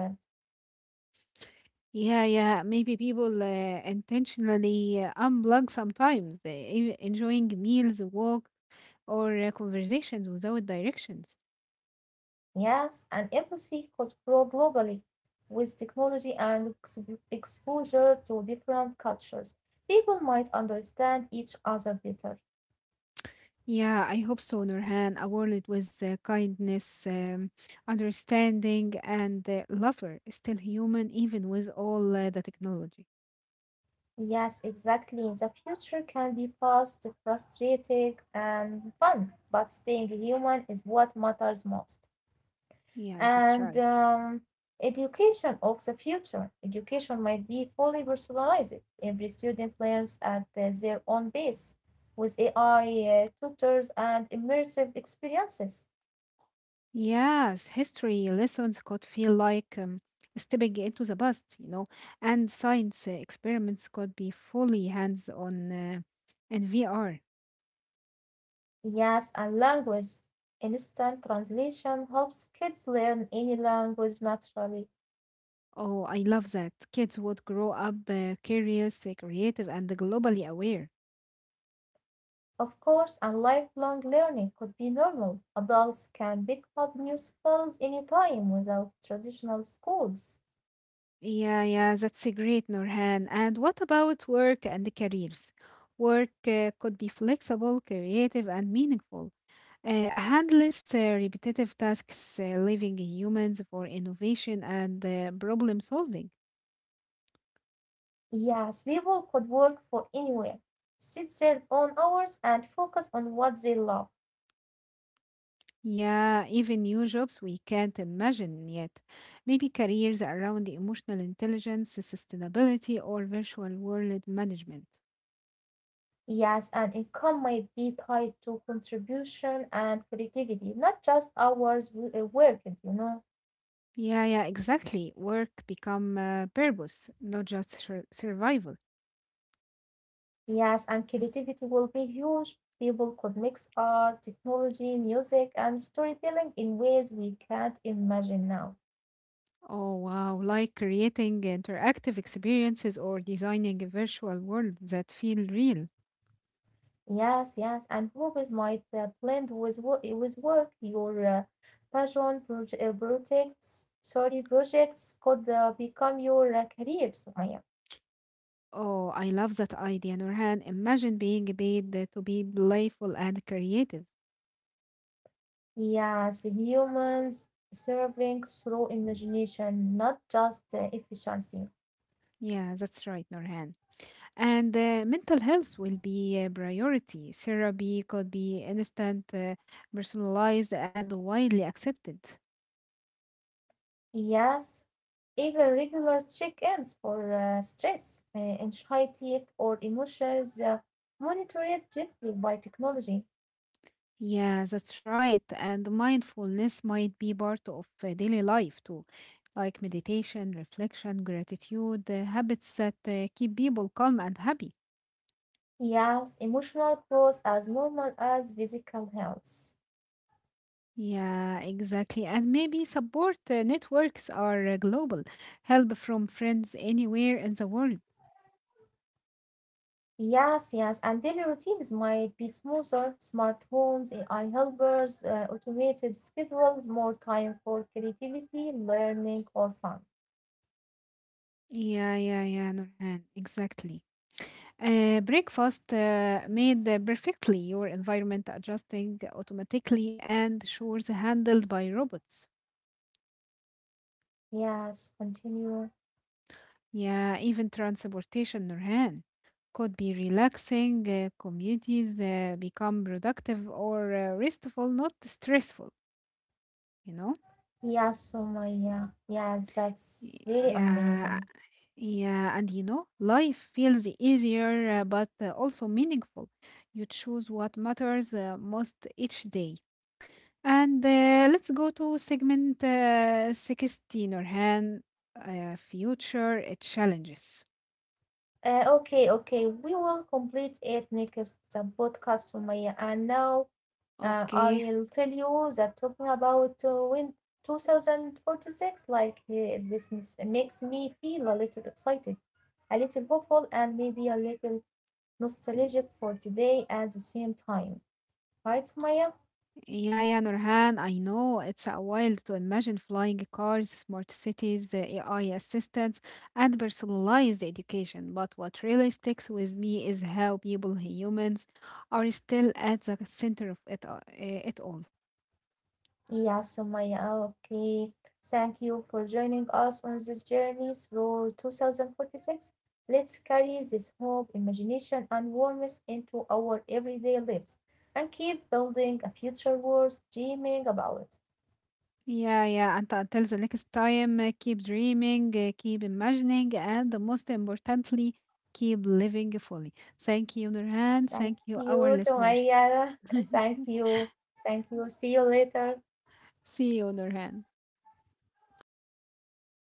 Yeah, yeah, maybe people intentionally unplug sometimes, enjoying meals, walk, or conversations without directions. Yes, and empathy could grow globally with technology and exposure to different cultures. People might understand each other better. Yeah, I hope so, Nurhan. A world with kindness, understanding, and lover still human, even with all the technology. Yes, exactly. The future can be fast, frustrating, and fun, but staying human is what matters most. Yeah, that's And right. Education of the future. Education might be fully personalized. Every student learns at their own pace with AI tutors and immersive experiences. Yes, history lessons could feel like stepping into the past, you know, and science experiments could be fully hands-on in VR. Yes, and language. Instant translation helps kids learn any language naturally. Oh, I love that. Kids would grow up curious, creative, and globally aware. Of course, and lifelong learning could be normal. Adults can pick up new skills anytime without traditional schools. Yeah, yeah, that's a great, Norhan. And what about work and the careers? Work could be flexible, creative, and meaningful. Handless, repetitive tasks, leaving humans for innovation and problem solving. Yes, people could work for anywhere, set their own hours, and focus on what they love. Yeah, even new jobs we can't imagine yet. Maybe careers around the emotional intelligence, sustainability, or virtual world management. Yes, and income might be tied to contribution and creativity, not just worked, you know. Yeah, yeah, exactly. Work become purpose, not just survival. Yes, and creativity will be huge. People could mix art, technology, music, and storytelling in ways we can't imagine now. Oh, wow. Like creating interactive experiences or designing a virtual world that feel real. Yes, yes, and hobbies might blend with with work. Your passion proje- projects, sorry, projects could become your career, Sumaya. Oh, I love that idea, Nurhan. Imagine being paid to be playful and creative. Yes, humans serving through imagination, not just efficiency. Yeah, that's right, Nurhan. And mental health will be a priority. Therapy could be instant, personalized, and widely accepted. Yes, even regular check-ins for stress, anxiety, or emotions monitored gently by technology. Yeah, that's right. And mindfulness might be part of daily life too, like meditation, reflection, gratitude, habits that keep people calm and happy. Yes, emotional growth as normal as physical health. Yeah, exactly. And maybe support networks are global, help from friends anywhere in the world. Yes, yes, and daily routines might be smoother, smart homes, AI helpers, automated schedules, more time for creativity, learning, or fun. Yeah, yeah, yeah, Nurhan, exactly. Breakfast made perfectly, your environment adjusting automatically and chores handled by robots. Yes, continue. Yeah, even transportation, Nurhan, could be relaxing. Communities become productive or restful, not stressful, you know? Yes, Sumaya. Yes, that's really amazing. Yeah, yeah, and you know, life feels easier but also meaningful. You choose what matters most each day. And let's go to segment 16, Nurhan, future challenges. Okay, okay, we will complete it next podcast, Sumaya. And now Okay. I'll tell you that talking about when 2046, like this mis- makes me feel a little excited, a little hopeful, and maybe a little nostalgic for today at the same time. Right, Maya? Yeah, yeah, Nurhan, I know it's a while to imagine flying cars, smart cities, AI assistants, and personalized education. But what really sticks with me is how people, humans, are still at the center of it all. Yeah, so Maya, okay. Thank you for joining us on this journey through 2046. Let's carry this hope, imagination, and warmth into our everyday lives and keep building a future worth dreaming about. Yeah, yeah, and until the next time, keep dreaming, keep imagining, and most importantly, keep living fully. Thank you, Nurhan. Thank Thank you, you, our listeners. Sumaya. Thank you. Thank you. See you later. See you, Nurhan.